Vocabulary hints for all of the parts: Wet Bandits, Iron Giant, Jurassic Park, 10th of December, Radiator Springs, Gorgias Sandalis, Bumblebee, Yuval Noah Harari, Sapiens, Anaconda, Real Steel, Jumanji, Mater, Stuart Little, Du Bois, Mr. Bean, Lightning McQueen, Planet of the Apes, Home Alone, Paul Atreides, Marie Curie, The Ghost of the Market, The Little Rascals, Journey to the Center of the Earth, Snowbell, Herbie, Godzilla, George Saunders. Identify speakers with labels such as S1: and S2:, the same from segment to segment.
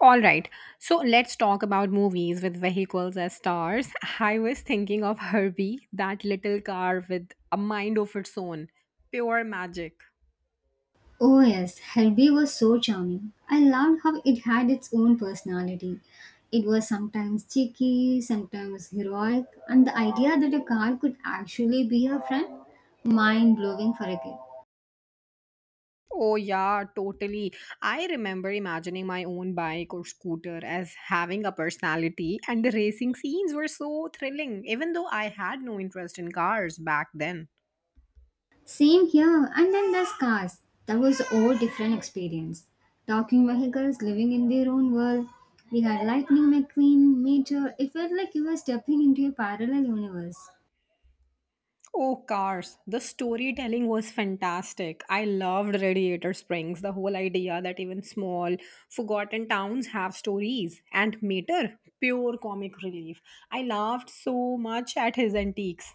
S1: All right. So let's talk about movies with vehicles as stars. I was thinking of Herbie, that little car with a mind of its own. Pure magic.
S2: Oh yes, Herbie was so charming. I loved how it had its own personality. It was sometimes cheeky, sometimes heroic, and the idea that a car could actually be her friend, mind blowing for a kid.
S1: Oh, yeah, totally. I remember imagining my own bike or scooter as having a personality, and the racing scenes were so thrilling, even though I had no interest in cars back then.
S2: Same here, and then there's Cars. That was a whole different experience. Talking vehicles living in their own world. We had Lightning McQueen, Meteor. It felt like you were stepping into a parallel universe.
S1: Oh, cars. The storytelling was fantastic. I loved Radiator Springs, the whole idea that even small, forgotten towns have stories. And Mater, pure comic relief. I laughed so much at his antiques.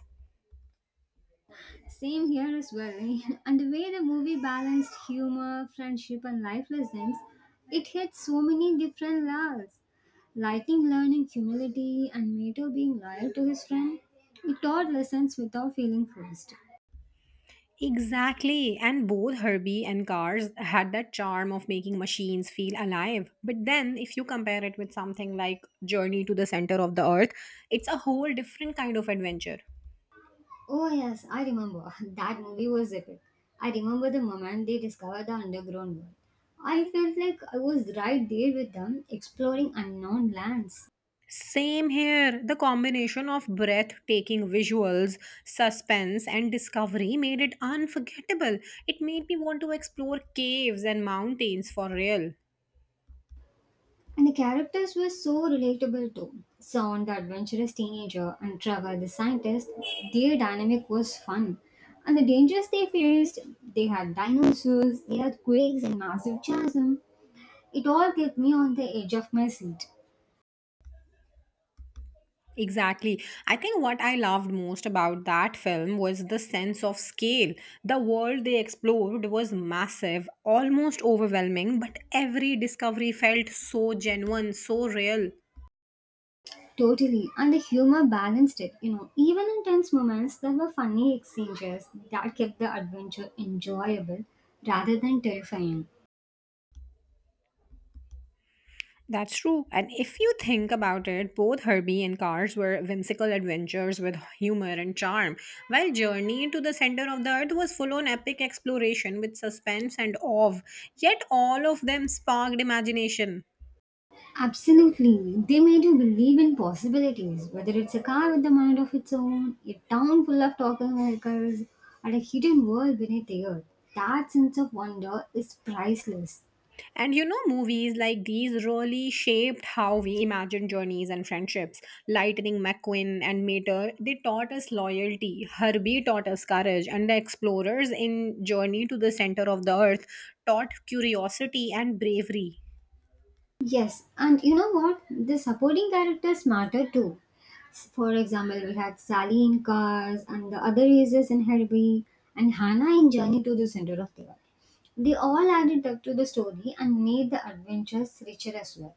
S2: Same here as well. And the way the movie balanced humor, friendship, and life lessons, it hit so many different levels. Lightning learning humility and Mato being loyal to his friend, it taught lessons without feeling forced.
S1: Exactly. And both Herbie and Cars had that charm of making machines feel alive. But then, if you compare it with something like Journey to the Center of the Earth, it's a whole different kind of adventure.
S2: Oh, yes, I remember. That movie was epic. I remember the moment they discovered the underground world. I felt like I was right there with them, exploring unknown lands.
S1: Same here. The combination of breathtaking visuals, suspense, and discovery made it unforgettable. It made me want to explore caves and mountains for real.
S2: And the characters were so relatable too. Sean, the adventurous teenager, and Trevor, the scientist, their dynamic was fun. And the dangers they faced, they had dinosaurs, earthquakes, and massive chasm. It all kept me on the edge of my seat.
S1: Exactly. I think what I loved most about that film was the sense of scale. The world they explored was massive, almost overwhelming, but every discovery felt so genuine, so real.
S2: Totally. And the humor balanced it. Even in tense moments, there were funny exchanges that kept the adventure enjoyable rather than terrifying.
S1: That's true. And if you think about it, both Herbie and Cars were whimsical adventures with humor and charm, while Journey to the Center of the Earth was full on epic exploration with suspense and awe. Yet all of them sparked imagination.
S2: Absolutely. They made you believe in possibilities, whether it's a car with a mind of its own, a town full of talking vehicles, and a hidden world beneath the earth. That sense of wonder is priceless.
S1: And you know, movies like these really shaped how we imagine journeys and friendships. Lightning McQueen and Mater, they taught us loyalty. Herbie taught us courage. And the explorers in Journey to the Center of the Earth taught curiosity and bravery.
S2: Yes, and you know what? The supporting characters matter too. For example, we had Sally in Cars, and the other users in Herbie, and Hannah in Journey to the Center of the Earth. They all added up to the story and made the adventures richer as well.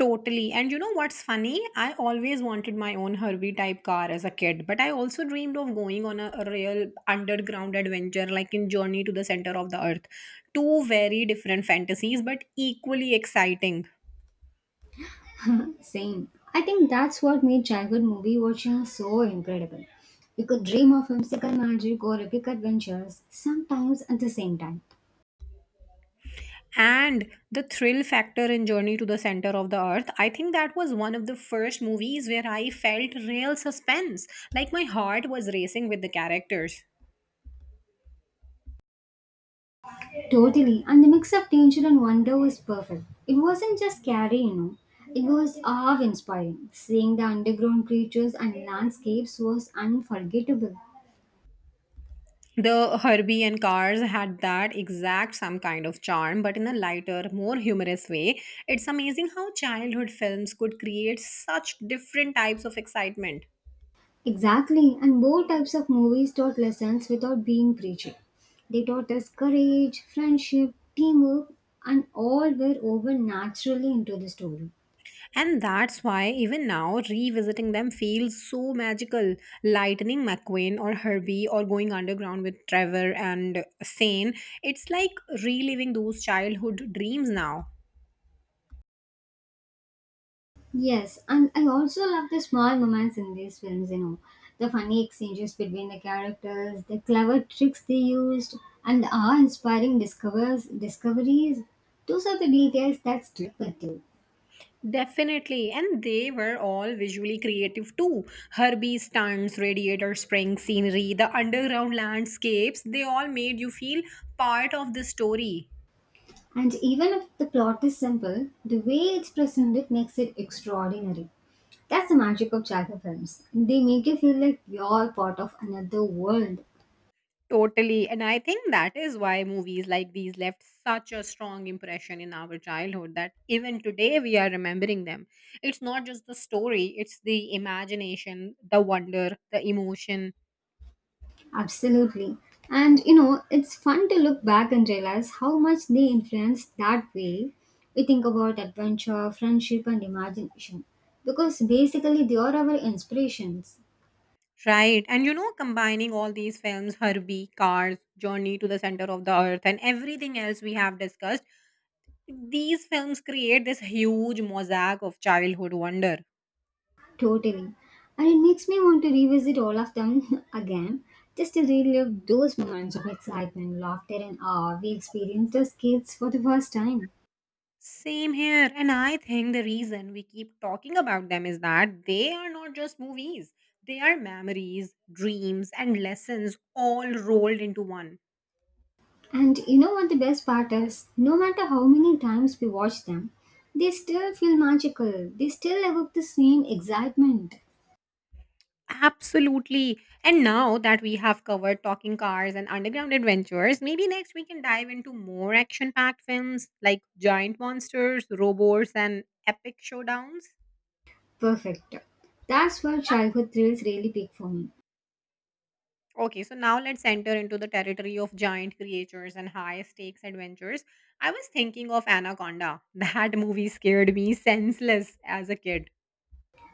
S1: Totally. And you know what's funny? I always wanted my own Herbie type car as a kid, but I also dreamed of going on a real underground adventure like in Journey to the Center of the Earth. Two very different fantasies, but equally exciting.
S2: Same. I think that's what made childhood movie watching so incredible. You could dream of whimsical magic or epic adventures, sometimes at the same time.
S1: And the thrill factor in Journey to the Center of the Earth, I think that was one of the first movies where I felt real suspense. Like my heart was racing with the characters.
S2: Totally. And the mix of danger and wonder was perfect. It wasn't just scary. It was awe inspiring. Seeing the underground creatures and landscapes was unforgettable.
S1: The Herbie and Cars had that exact some kind of charm, but in a lighter, more humorous way. It's amazing how childhood films could create such different types of excitement.
S2: Exactly, and both types of movies taught lessons without being preachy. They taught us courage, friendship, teamwork, and all were woven naturally into the story.
S1: And that's why, even now, revisiting them feels so magical. Lightning McQueen or Herbie or Going Underground with Trevor and Sane, it's like reliving those childhood dreams now.
S2: Yes, and I also love the small moments in these films, the funny exchanges between the characters, the clever tricks they used, and the awe inspiring discovers discoveries. Those are the details that stick with you.
S1: Definitely, and they were all visually creative too. Herbie stunts, radiator spring scenery, the underground landscapes, they all made you feel part of the story.
S2: And even if the plot is simple, the way it's presented makes it extraordinary. That's the magic of Jaga films. They make you feel like you're part of another world.
S1: Totally, and I think that is why movies like these left such a strong impression in our childhood that even today we are remembering them. It's not just the story, it's the imagination, the wonder, the emotion.
S2: Absolutely. And it's fun to look back and realize how much they influenced that way we think about adventure, friendship, and imagination. Because basically, they are our inspirations.
S1: Right. And you know, combining all these films, Herbie, Cars, Journey to the Center of the Earth, and everything else we have discussed, these films create this huge mosaic of childhood wonder.
S2: Totally. And it makes me want to revisit all of them again, just to relive those moments of excitement, laughter, and awe we experienced as kids for the first time.
S1: Same here. And I think the reason we keep talking about them is that they are not just movies, they are memories, dreams, and lessons all rolled into one.
S2: And you know what the best part is? No matter how many times we watch them, they still feel magical. They still evoke the same excitement.
S1: Absolutely. And now that we have covered talking cars and underground adventures, maybe next we can dive into more action packed films like giant monsters, robots, and epic showdowns.
S2: Perfect. That's where childhood thrills really peak for me.
S1: Okay, so now let's enter into the territory of giant creatures and high stakes adventures. I was thinking of Anaconda. That movie scared me senseless as a kid.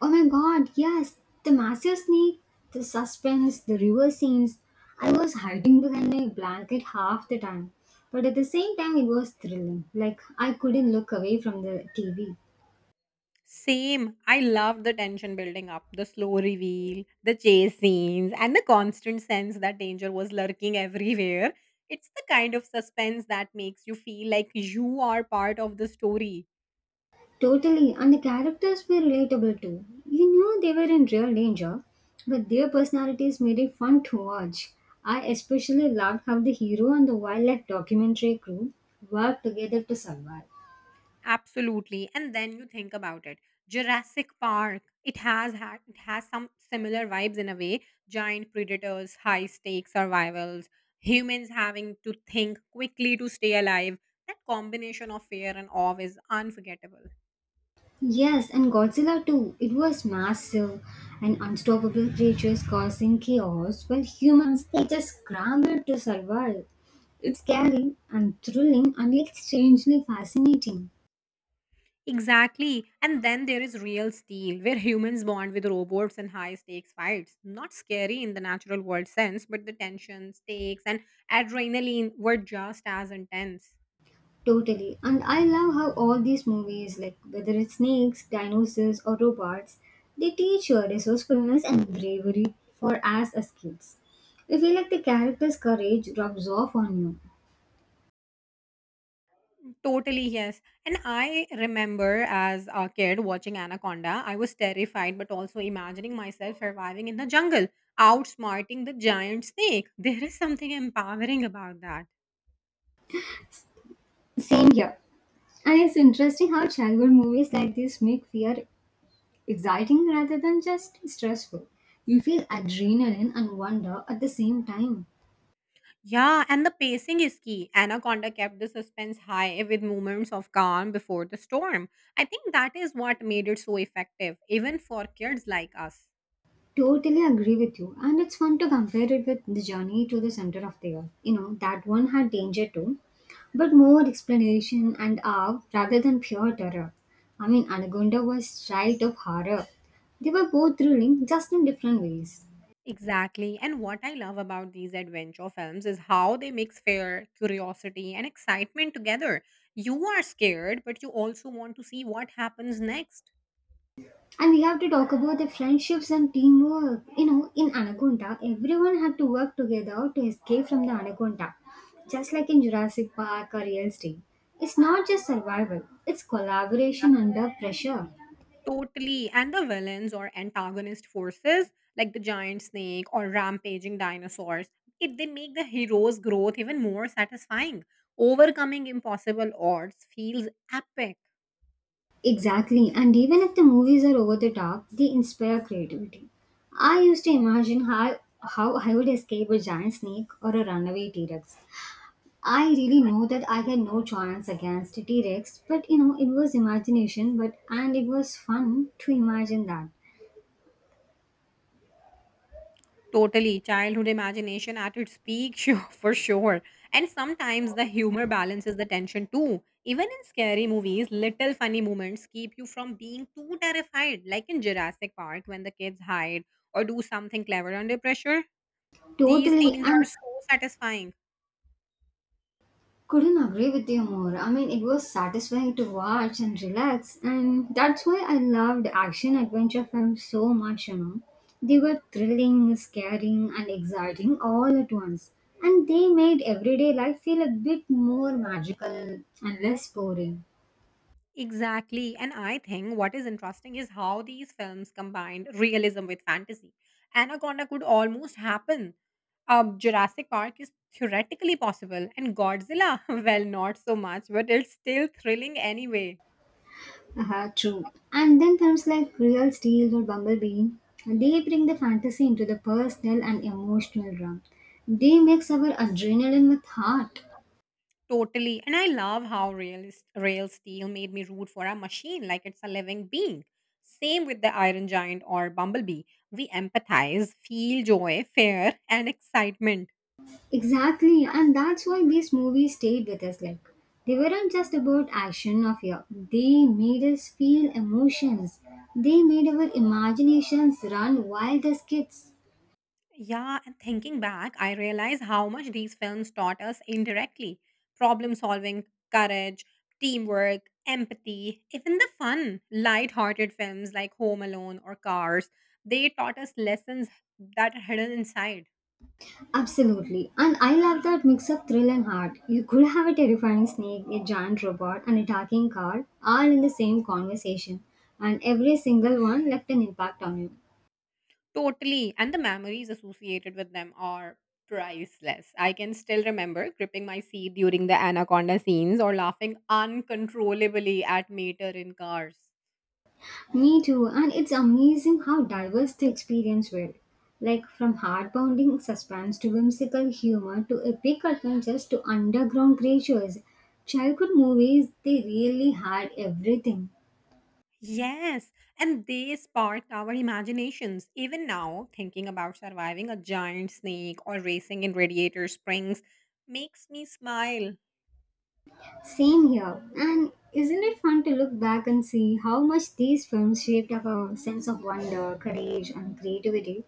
S2: Oh my God, yes, the massive snake, the suspense, the river scenes. I was hiding behind my blanket half the time, but at the same time, it was thrilling. Like, I couldn't look away from the TV.
S1: Same. I love the tension building up, the slow reveal, the chase scenes, and the constant sense that danger was lurking everywhere. It's the kind of suspense that makes you feel like you are part of the story.
S2: Totally, and the characters were relatable too. You knew they were in real danger, but their personalities made it fun to watch. I especially loved how the hero and the wildlife documentary crew worked together to survive.
S1: Absolutely. And then you think about it. Jurassic Park, it has some similar vibes in a way. Giant predators, high stakes survivals, humans having to think quickly to stay alive. That combination of fear and awe is unforgettable.
S2: Yes, and Godzilla too. It was massive and unstoppable creatures causing chaos while humans they just scrambled to survive. It's scary and thrilling and yet strangely fascinating.
S1: Exactly. And then there is real steel, where humans bond with robots in high stakes fights. Not scary in the natural world sense, but the tension, stakes, and adrenaline were just as intense.
S2: Totally. And I love how all these movies, like whether it's snakes, dinosaurs, or robots, they teach your resourcefulness and bravery for us as kids. I feel like the character's courage drops off on you.
S1: Totally, yes. And I remember as a kid watching Anaconda, I was terrified, but also imagining myself surviving in the jungle, outsmarting the giant snake. There is something empowering about that.
S2: Same here. And it's interesting how childhood movies like this make fear exciting rather than just stressful. You feel adrenaline and wonder at the same time.
S1: Yeah, and the pacing is key. Anaconda kept the suspense high with moments of calm before the storm. I think that is what made it so effective, even for kids like us.
S2: Totally agree with you. And it's fun to compare it with The Journey to the Center of the Earth. That one had danger too, but more explanation and awe rather than pure terror. I mean, Anaconda was child of horror. They were both thrilling, just in different ways.
S1: Exactly. And what I love about these adventure films is how they mix fear, curiosity, and excitement together. You are scared, but you also want to see what happens next.
S2: And we have to talk about the friendships and teamwork. In Anaconda, everyone had to work together to escape from the Anaconda, just like in Jurassic Park or Real Steel. It's not just survival, it's collaboration under pressure.
S1: Totally. And the villains or antagonist forces, like the giant snake or rampaging dinosaurs, it they make the hero's growth even more satisfying. Overcoming impossible odds feels epic.
S2: Exactly, and even if the movies are over the top, they inspire creativity. I used to imagine how I would escape a giant snake or a runaway T Rex. I really know that I had no chance against T Rex, but it was imagination, but and it was fun to imagine that.
S1: Totally. Childhood imagination at its peak, sure, for sure. And sometimes the humor balances the tension too. Even in scary movies, little funny moments keep you from being too terrified, like in Jurassic Park when the kids hide or do something clever under pressure. These
S2: Totally,
S1: scenes are
S2: and
S1: so satisfying.
S2: couldn't agree with you more. I mean, it was satisfying to watch and relax, and that's why I loved action adventure films so much. They were thrilling, scaring, and exciting all at once, and they made everyday life feel a bit more magical and less boring.
S1: Exactly. And I think what is interesting is how these films combined realism with fantasy. Anaconda could almost happen. Jurassic Park is theoretically possible, and Godzilla, well, not so much, but it's still thrilling anyway.
S2: Uh-huh, true. And then there's like Real Steel or Bumblebee. They bring the fantasy into the personal and emotional realm. They mix our adrenaline with heart.
S1: Totally. And I love how realist, Real Steel made me root for a machine like it's a living being. Same with the Iron Giant or Bumblebee. We empathize, feel joy, fear, and excitement.
S2: Exactly, and that's why these movies stayed with us. Like they weren't just about action or fear. They made us feel emotions. They made our imaginations run wild as kids.
S1: Yeah, and thinking back, I realize how much these films taught us indirectly, problem solving, courage, teamwork, empathy, even the fun, light hearted films like Home Alone or Cars. They taught us lessons that are hidden inside.
S2: Absolutely. And I love that mix of thrill and heart. You could have a terrifying snake, a giant robot, and a talking car all in the same conversation. And every single one left an impact on you.
S1: Totally. And the memories associated with them are priceless. I can still remember gripping my seat during the Anaconda scenes or laughing uncontrollably at Mater in cars.
S2: Me too. And it's amazing how diverse the experience were. Like from heart-pounding suspense to whimsical humor to epic adventures to underground creatures. Childhood movies, they really had everything.
S1: Yes, and they sparked our imaginations. Even now, thinking about surviving a giant snake or racing in Radiator Springs makes me smile.
S2: Same here. And isn't it fun to look back and see how much these films shaped our sense of wonder, courage, and creativity?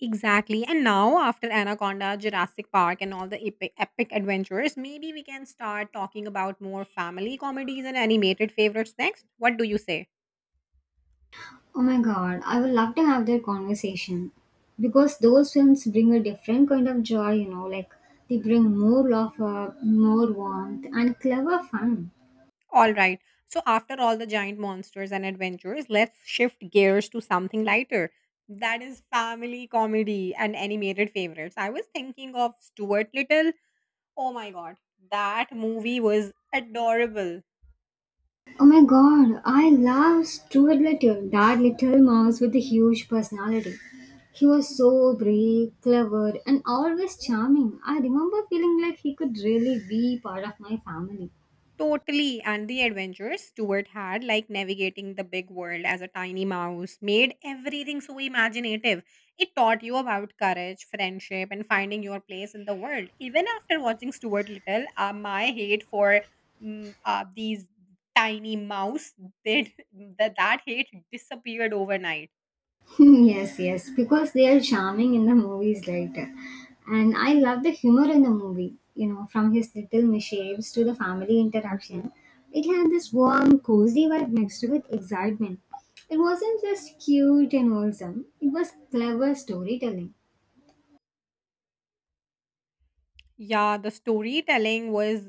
S1: Exactly. And now, after Anaconda, Jurassic Park, and all the epic, epic adventures, maybe we can start talking about more family comedies and animated favorites next. What do you say?
S2: Oh my God, I would love to have that conversation. Because those films bring a different kind of joy, like they bring more laughter, more warmth, and clever fun.
S1: All right. So, after all the giant monsters and adventures, let's shift gears to something lighter. That is family comedy and animated favorites. I was thinking of Stuart Little. Oh my god, that movie was adorable.
S2: Oh my God, I love Stuart Little, that little mouse with a huge personality. He was so brave, clever, and always charming. I remember feeling like he could really be part of my family.
S1: Totally, and the adventures Stuart had, like navigating the big world as a tiny mouse, made everything so imaginative. It taught you about courage, friendship, and finding your place in the world. Even after watching Stuart Little, my hate for these tiny mouse did that hate disappeared overnight.
S2: Yes, yes, because they are charming in the movies later. And I love the humor in the movie, from his little mishaps to the family interaction. It had this warm, cozy vibe mixed with excitement. It wasn't just cute and wholesome, it was clever storytelling.
S1: Yeah, the storytelling was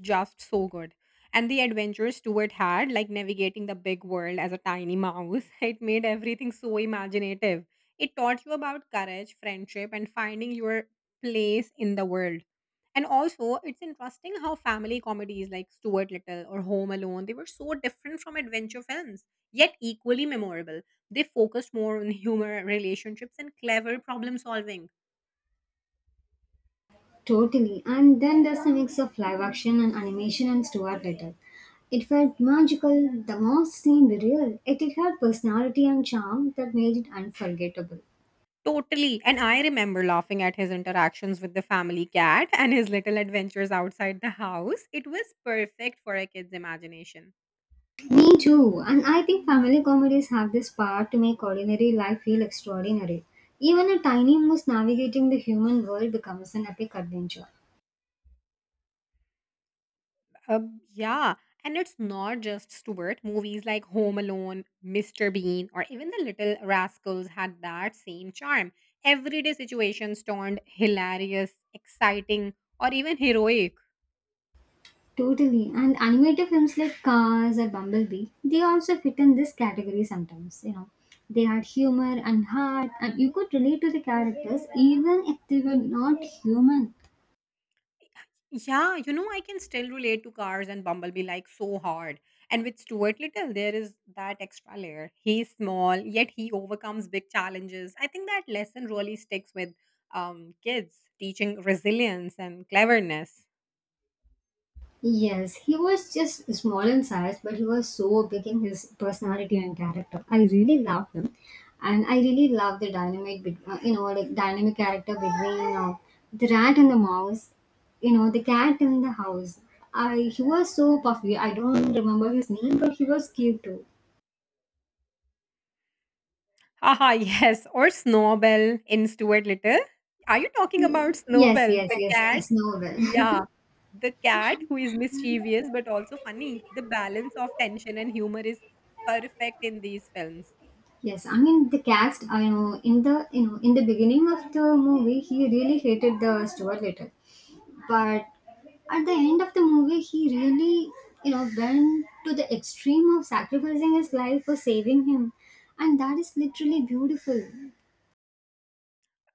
S1: just so good. And the adventures Stuart had, like navigating the big world as a tiny mouse, it made everything so imaginative. It taught you about courage, friendship, and finding your place in the world. And also, it's interesting how family comedies like Stuart Little or Home Alone, they were so different from adventure films, yet equally memorable. They focused more on humor, relationships, and clever problem solving.
S2: Totally. And then there's a mix of live action and animation and Stuart Little. It felt magical, the most seemed real, yet it had personality and charm that made it unforgettable.
S1: Totally. And I remember laughing at his interactions with the family cat and his little adventures outside the house. It was perfect for a kid's imagination.
S2: Me too. And I think family comedies have this power to make ordinary life feel extraordinary. Even a tiny mouse navigating the human world becomes an epic adventure.
S1: Uh, yeah. And it's not just Stuart. Movies like Home Alone, Mr. Bean, or even The Little Rascals had that same charm. Everyday situations turned hilarious, exciting, or even heroic.
S2: Totally. And animated films like Cars or Bumblebee, they also fit in this category sometimes. They had humor and heart and you could relate to the characters even if they were not human.
S1: Yeah, you know, I can still relate to Cars and Bumblebee like so hard. And with Stuart Little, there is that extra layer. He's small, yet he overcomes big challenges. I think that lesson really sticks with kids, teaching resilience and cleverness.
S2: Yes, he was just small in size, but he was so big in his personality and character. I really loved him, and I really love the dynamic, like dynamic character between the rat and the mouse, the cat and the house. I he was so puffy. I don't remember his name, but he was cute too.
S1: Haha, yes. Or Snowbell in Stuart Little. Are you talking about
S2: Yes,
S1: Snowbell, the
S2: yes,
S1: Yes, yes.
S2: yes. I
S1: cat?
S2: know
S1: Yeah. The cat who is mischievous but also funny. The balance of tension and humor is perfect in these films.
S2: Yes, I mean the cast. I know in the beginning of the movie, he really hated the Stuart Little. But at the end of the movie he really went to the extreme of sacrificing his life for saving him, and that is literally beautiful.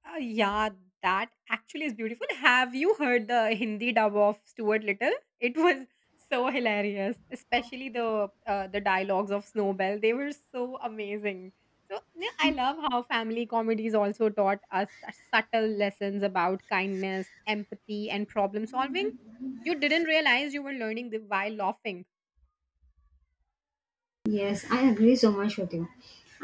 S1: Yeah, that actually is beautiful. Have you heard the Hindi dub of Stuart Little? It was so hilarious, especially the dialogues of Snowbell. They were so amazing. So yeah, I love how family comedies also taught us subtle lessons about kindness, empathy, and problem solving. You didn't realize you were learning the, while laughing.
S2: Yes, I agree so much with you.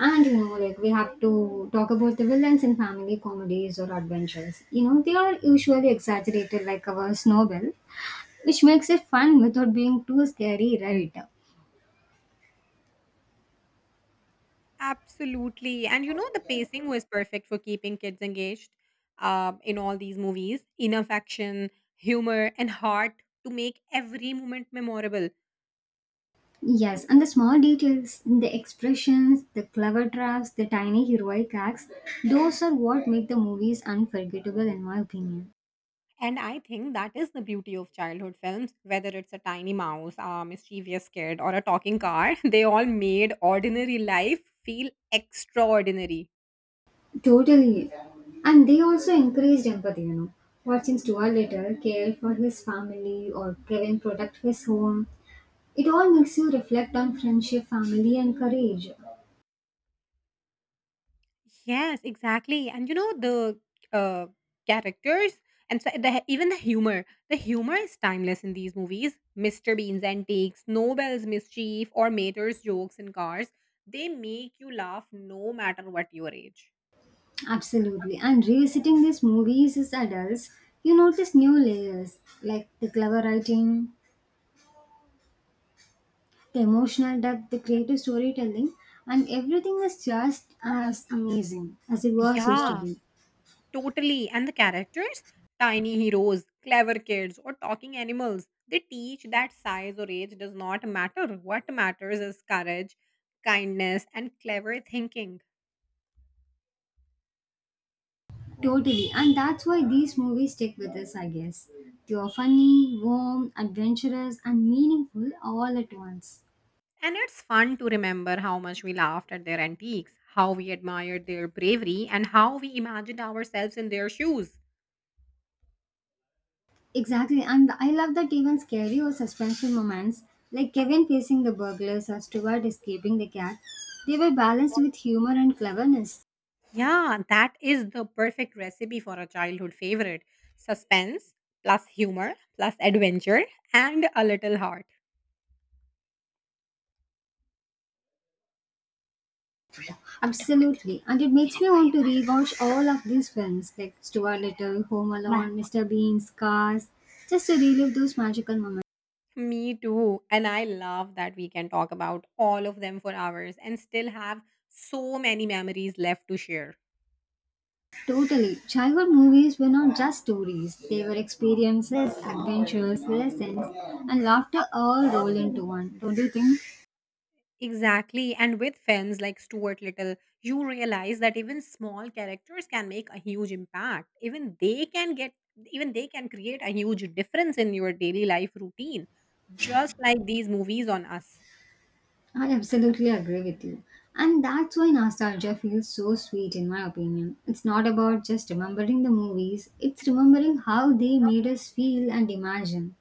S2: And like we have to talk about the villains in family comedies or adventures. They are usually exaggerated like our Snowbell, which makes it fun without being too scary, right?
S1: Absolutely. And you know, the pacing was perfect for keeping kids engaged in all these movies. Enough action, humor, and heart to make every moment memorable.
S2: Yes, and the small details, the expressions, the clever drafts, the tiny heroic acts, those are what make the movies unforgettable, in my opinion.
S1: And I think that is the beauty of childhood films, whether it's a tiny mouse, a mischievous kid, or a talking car, they all made ordinary life feel extraordinary.
S2: Totally. And they also encouraged empathy. Watching Stuart later care for his family or Kevin protect his home, it all makes you reflect on friendship, family, and courage.
S1: Yes, exactly. And you know the uh, characters and so the, even the humor. The humor is timeless in these movies. Mr. Bean's antics, Nobel's mischief, or Mater's jokes in cars. They make you laugh no matter what your age.
S2: Absolutely. And revisiting these movies as adults, you notice new layers like the clever writing, the emotional depth, the creative storytelling, and everything is just as amazing as it was used to
S1: Yeah,
S2: be.
S1: totally. And the characters, tiny heroes, clever kids, or talking animals, they teach that size or age does not matter. What matters is courage, kindness, and clever thinking.
S2: Totally. And that's why these movies stick with us, I guess. They are funny, warm, adventurous, and meaningful all at once.
S1: And it's fun to remember how much we laughed at their antiques, how we admired their bravery, and how we imagined ourselves in their shoes.
S2: Exactly. And I love that even scary or suspenseful moments, like Kevin facing the burglars or Stuart escaping the cat, they were balanced with humor and cleverness.
S1: Yeah, that is the perfect recipe for a childhood favorite, suspense, plus humor, plus adventure, and a little heart.
S2: Absolutely. And it makes me want to rewatch all of these films like Stuart Little, Home Alone, Mr. Bean, Cars, just to relive those magical moments.
S1: Me too. And I love that we can talk about all of them for hours and still have so many memories left to share.
S2: Totally. Childhood movies were not just stories, they were experiences, adventures, lessons, and laughter all rolled into one, don't you think?
S1: Exactly. And with films like Stuart Little, you realize that even small characters can make a huge impact. Even they can create a huge difference in your daily life routine, just like these movies on us.
S2: I absolutely agree with you. And that's why nostalgia feels so sweet, in my opinion. It's not about just remembering the movies, it's remembering how they made us feel and imagine.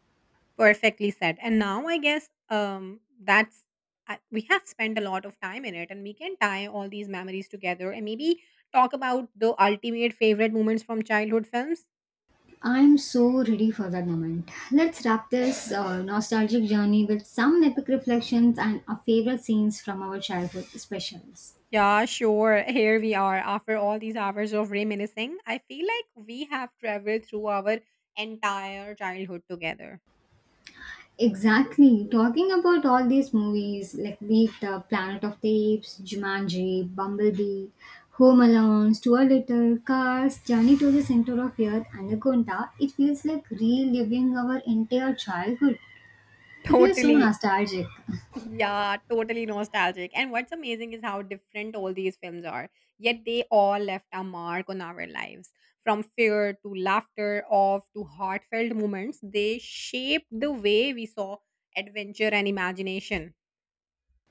S1: Perfectly said. And now I guess we have spent a lot of time in it, and we can tie all these memories together and maybe talk about the ultimate favorite moments from childhood films.
S2: I'm so ready for that moment. Let's wrap this nostalgic journey with some epic reflections and our favorite scenes from our childhood specials.
S1: Yeah, sure. Here we are. After all these hours of reminiscing, I feel like we have traveled through our entire childhood together.
S2: Exactly. Talking about all these movies, like be it the Planet of the Apes, Jumanji, Bumblebee, Home Alone, Stuart Little, Cars, Journey to the Center of Earth, Anaconda, it feels like reliving our entire childhood. It feels so
S1: Totally.
S2: nostalgic.
S1: Yeah, totally nostalgic. And what's amazing is how different all these films are, yet they all left a mark on our lives. From fear to laughter, off to heartfelt moments, they shaped the way we saw adventure and imagination.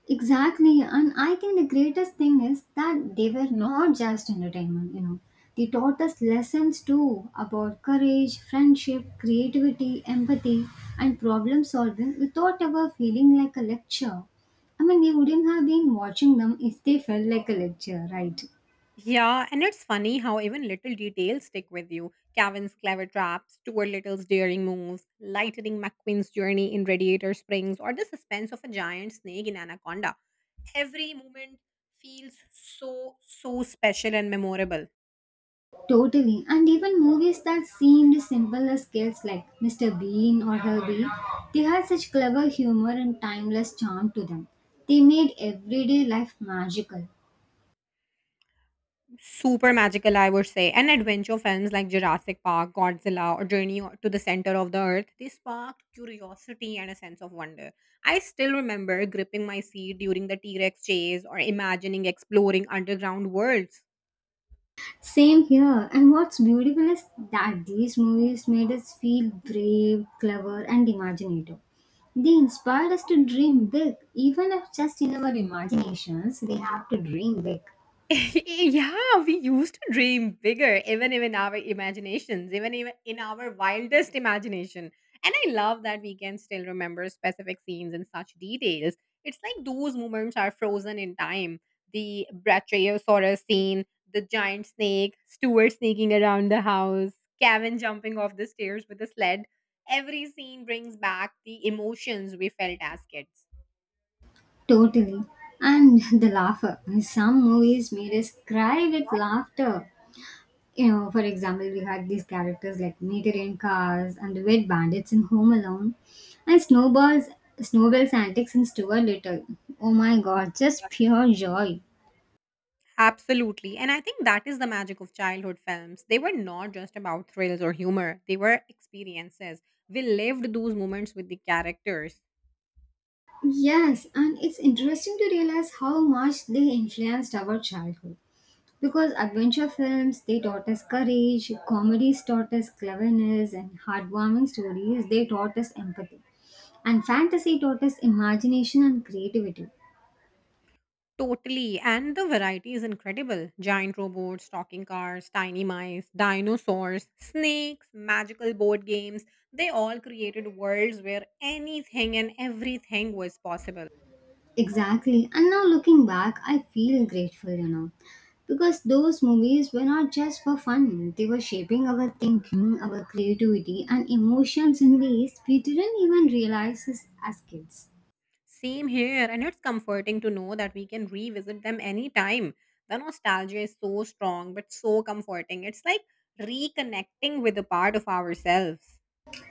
S2: Exactly, and I think the greatest thing is that they were not just entertainment, you know. They taught us lessons too about courage, friendship, creativity, empathy, and problem solving without ever feeling like a lecture. I mean, we wouldn't have been watching them if they felt like a lecture, right?
S1: Yeah, and it's funny how even little details stick with you. Kevin's clever traps, Stuart Little's daring moves, Lightning McQueen's journey in Radiator Springs, or the suspense of a giant snake in Anaconda. Every moment feels so, so special and memorable.
S2: Totally. And even movies that seemed simple as kids like Mr. Bean or Herbie, they had such clever humor and timeless charm to them. They made everyday life magical.
S1: Super magical, I would say. And adventure films like Jurassic Park, Godzilla, or Journey to the Center of the Earth, they sparked curiosity and a sense of wonder. I still remember gripping my seat during the T Rex chase or imagining exploring underground worlds.
S2: Same here. And what's beautiful is that these movies made us feel brave, clever, and imaginative. They inspired us to dream big, even if just in our imaginations, we have to dream big.
S1: Yeah, we used to dream bigger, even our imaginations, even in our wildest imagination. And I love that we can still remember specific scenes in such details. It's like those moments are frozen in time. The Brachiosaurus scene, the giant snake, Stuart sneaking around the house, Kevin jumping off the stairs with a sled. Every scene brings back the emotions we felt as kids.
S2: Totally. And the laughter. Some movies made us cry with laughter. You know, for example, we had these characters like Meter in Cars and the Wet Bandits in Home Alone, and Snowball's antics in Stuart Little. Oh my god, just pure joy.
S1: Absolutely. And I think that is the magic of childhood films. They were not just about thrills or humor, they were experiences. We lived those moments with the characters.
S2: Yes, and it's interesting to realize how much they influenced our childhood. Because adventure films, they taught us courage, comedies taught us cleverness, and heartwarming stories, they taught us empathy. And fantasy taught us imagination and creativity.
S1: Totally. And the variety is incredible: giant robots, talking cars, tiny mice, dinosaurs, snakes, magical board games. They all created worlds where anything and everything was possible.
S2: Exactly. And now looking back, I feel grateful, you know, because those movies were not just for fun, they were shaping our thinking, our creativity, and emotions in ways we didn't even realize as kids.
S1: Same here, and it's comforting to know that we can revisit them anytime. The nostalgia is so strong, but so comforting. It's like reconnecting with a part of ourselves.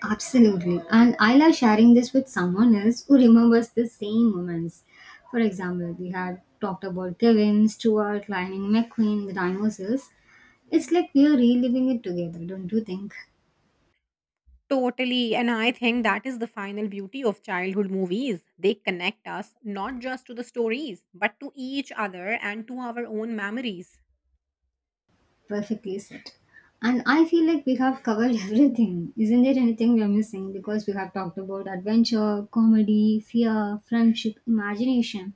S2: Absolutely. And I love sharing this with someone else who remembers the same moments. For example, we had talked about Kevin, Stewart, Lightning McQueen, the dinosaurs. It's like we are reliving it together, don't you think?
S1: Totally, and I think that is the final beauty of childhood movies. They connect us not just to the stories, but to each other and to our own memories.
S2: Perfectly said. And I feel like we have covered everything. Isn't there anything we are missing? Because we have talked about adventure, comedy, fear, friendship, imagination.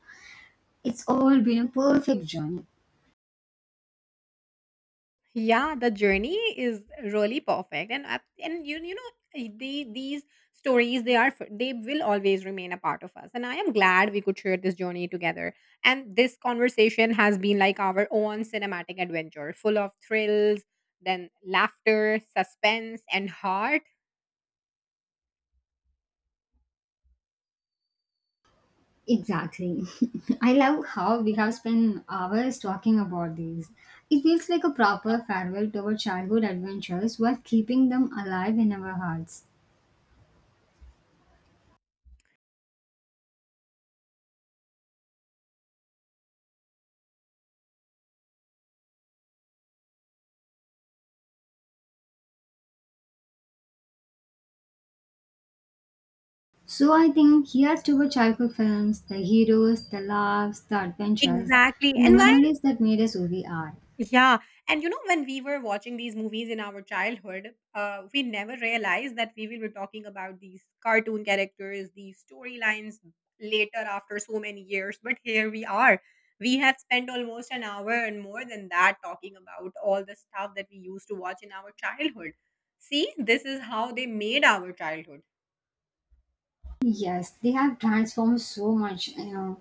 S2: It's all been a perfect journey.
S1: Yeah, the journey is really perfect, and these stories they are f- they will always remain a part of us, and I am glad we could share this journey together, and this conversation has been like our own cinematic adventure full of thrills, then laughter, suspense, and heart.
S2: Exactly. I love how we have spent hours talking about these. It feels like a proper farewell to our childhood adventures while keeping them alive in our hearts. So I think here's to our childhood films, the heroes, the laughs, the adventures,
S1: Exactly,
S2: and the
S1: and why.
S2: memories that made us who we are.
S1: Yeah. And you know, when we were watching these movies in our childhood, we never realized that we will be talking about these cartoon characters, these storylines later after so many years. But here we are. We have spent almost an hour and more than that talking about all the stuff that we used to watch in our childhood. See, this is how they made our childhood.
S2: Yes, they have transformed so much, you know.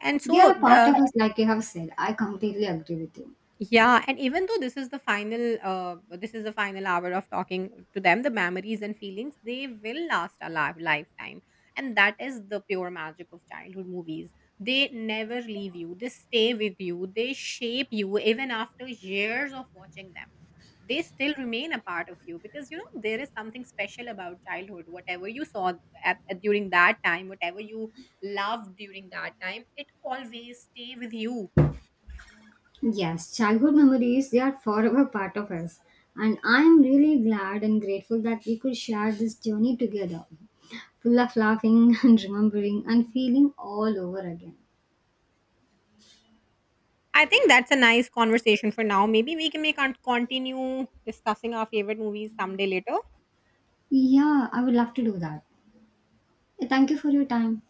S1: And
S2: They are
S1: so,
S2: a part of
S1: the.
S2: us, like you have said. I completely agree with you.
S1: Yeah, and even though this is the this is the final hour of talking to them, the memories and feelings, they will last a lifetime, and that is the pure magic of childhood movies. They never leave you. They stay with you. They shape you even after years of watching them. They still remain a part of you, because you know there is something special about childhood. Whatever you saw at during that time, whatever you loved during that time, it always stay with you.
S2: Yes, childhood memories, they are forever part of us. And I'm really glad and grateful that we could share this journey together, full of laughing and remembering and feeling all over again.
S1: I think that's a nice conversation for now. Maybe we can continue discussing our favorite movies someday later.
S2: Yeah, I would love to do that. Thank you for your time.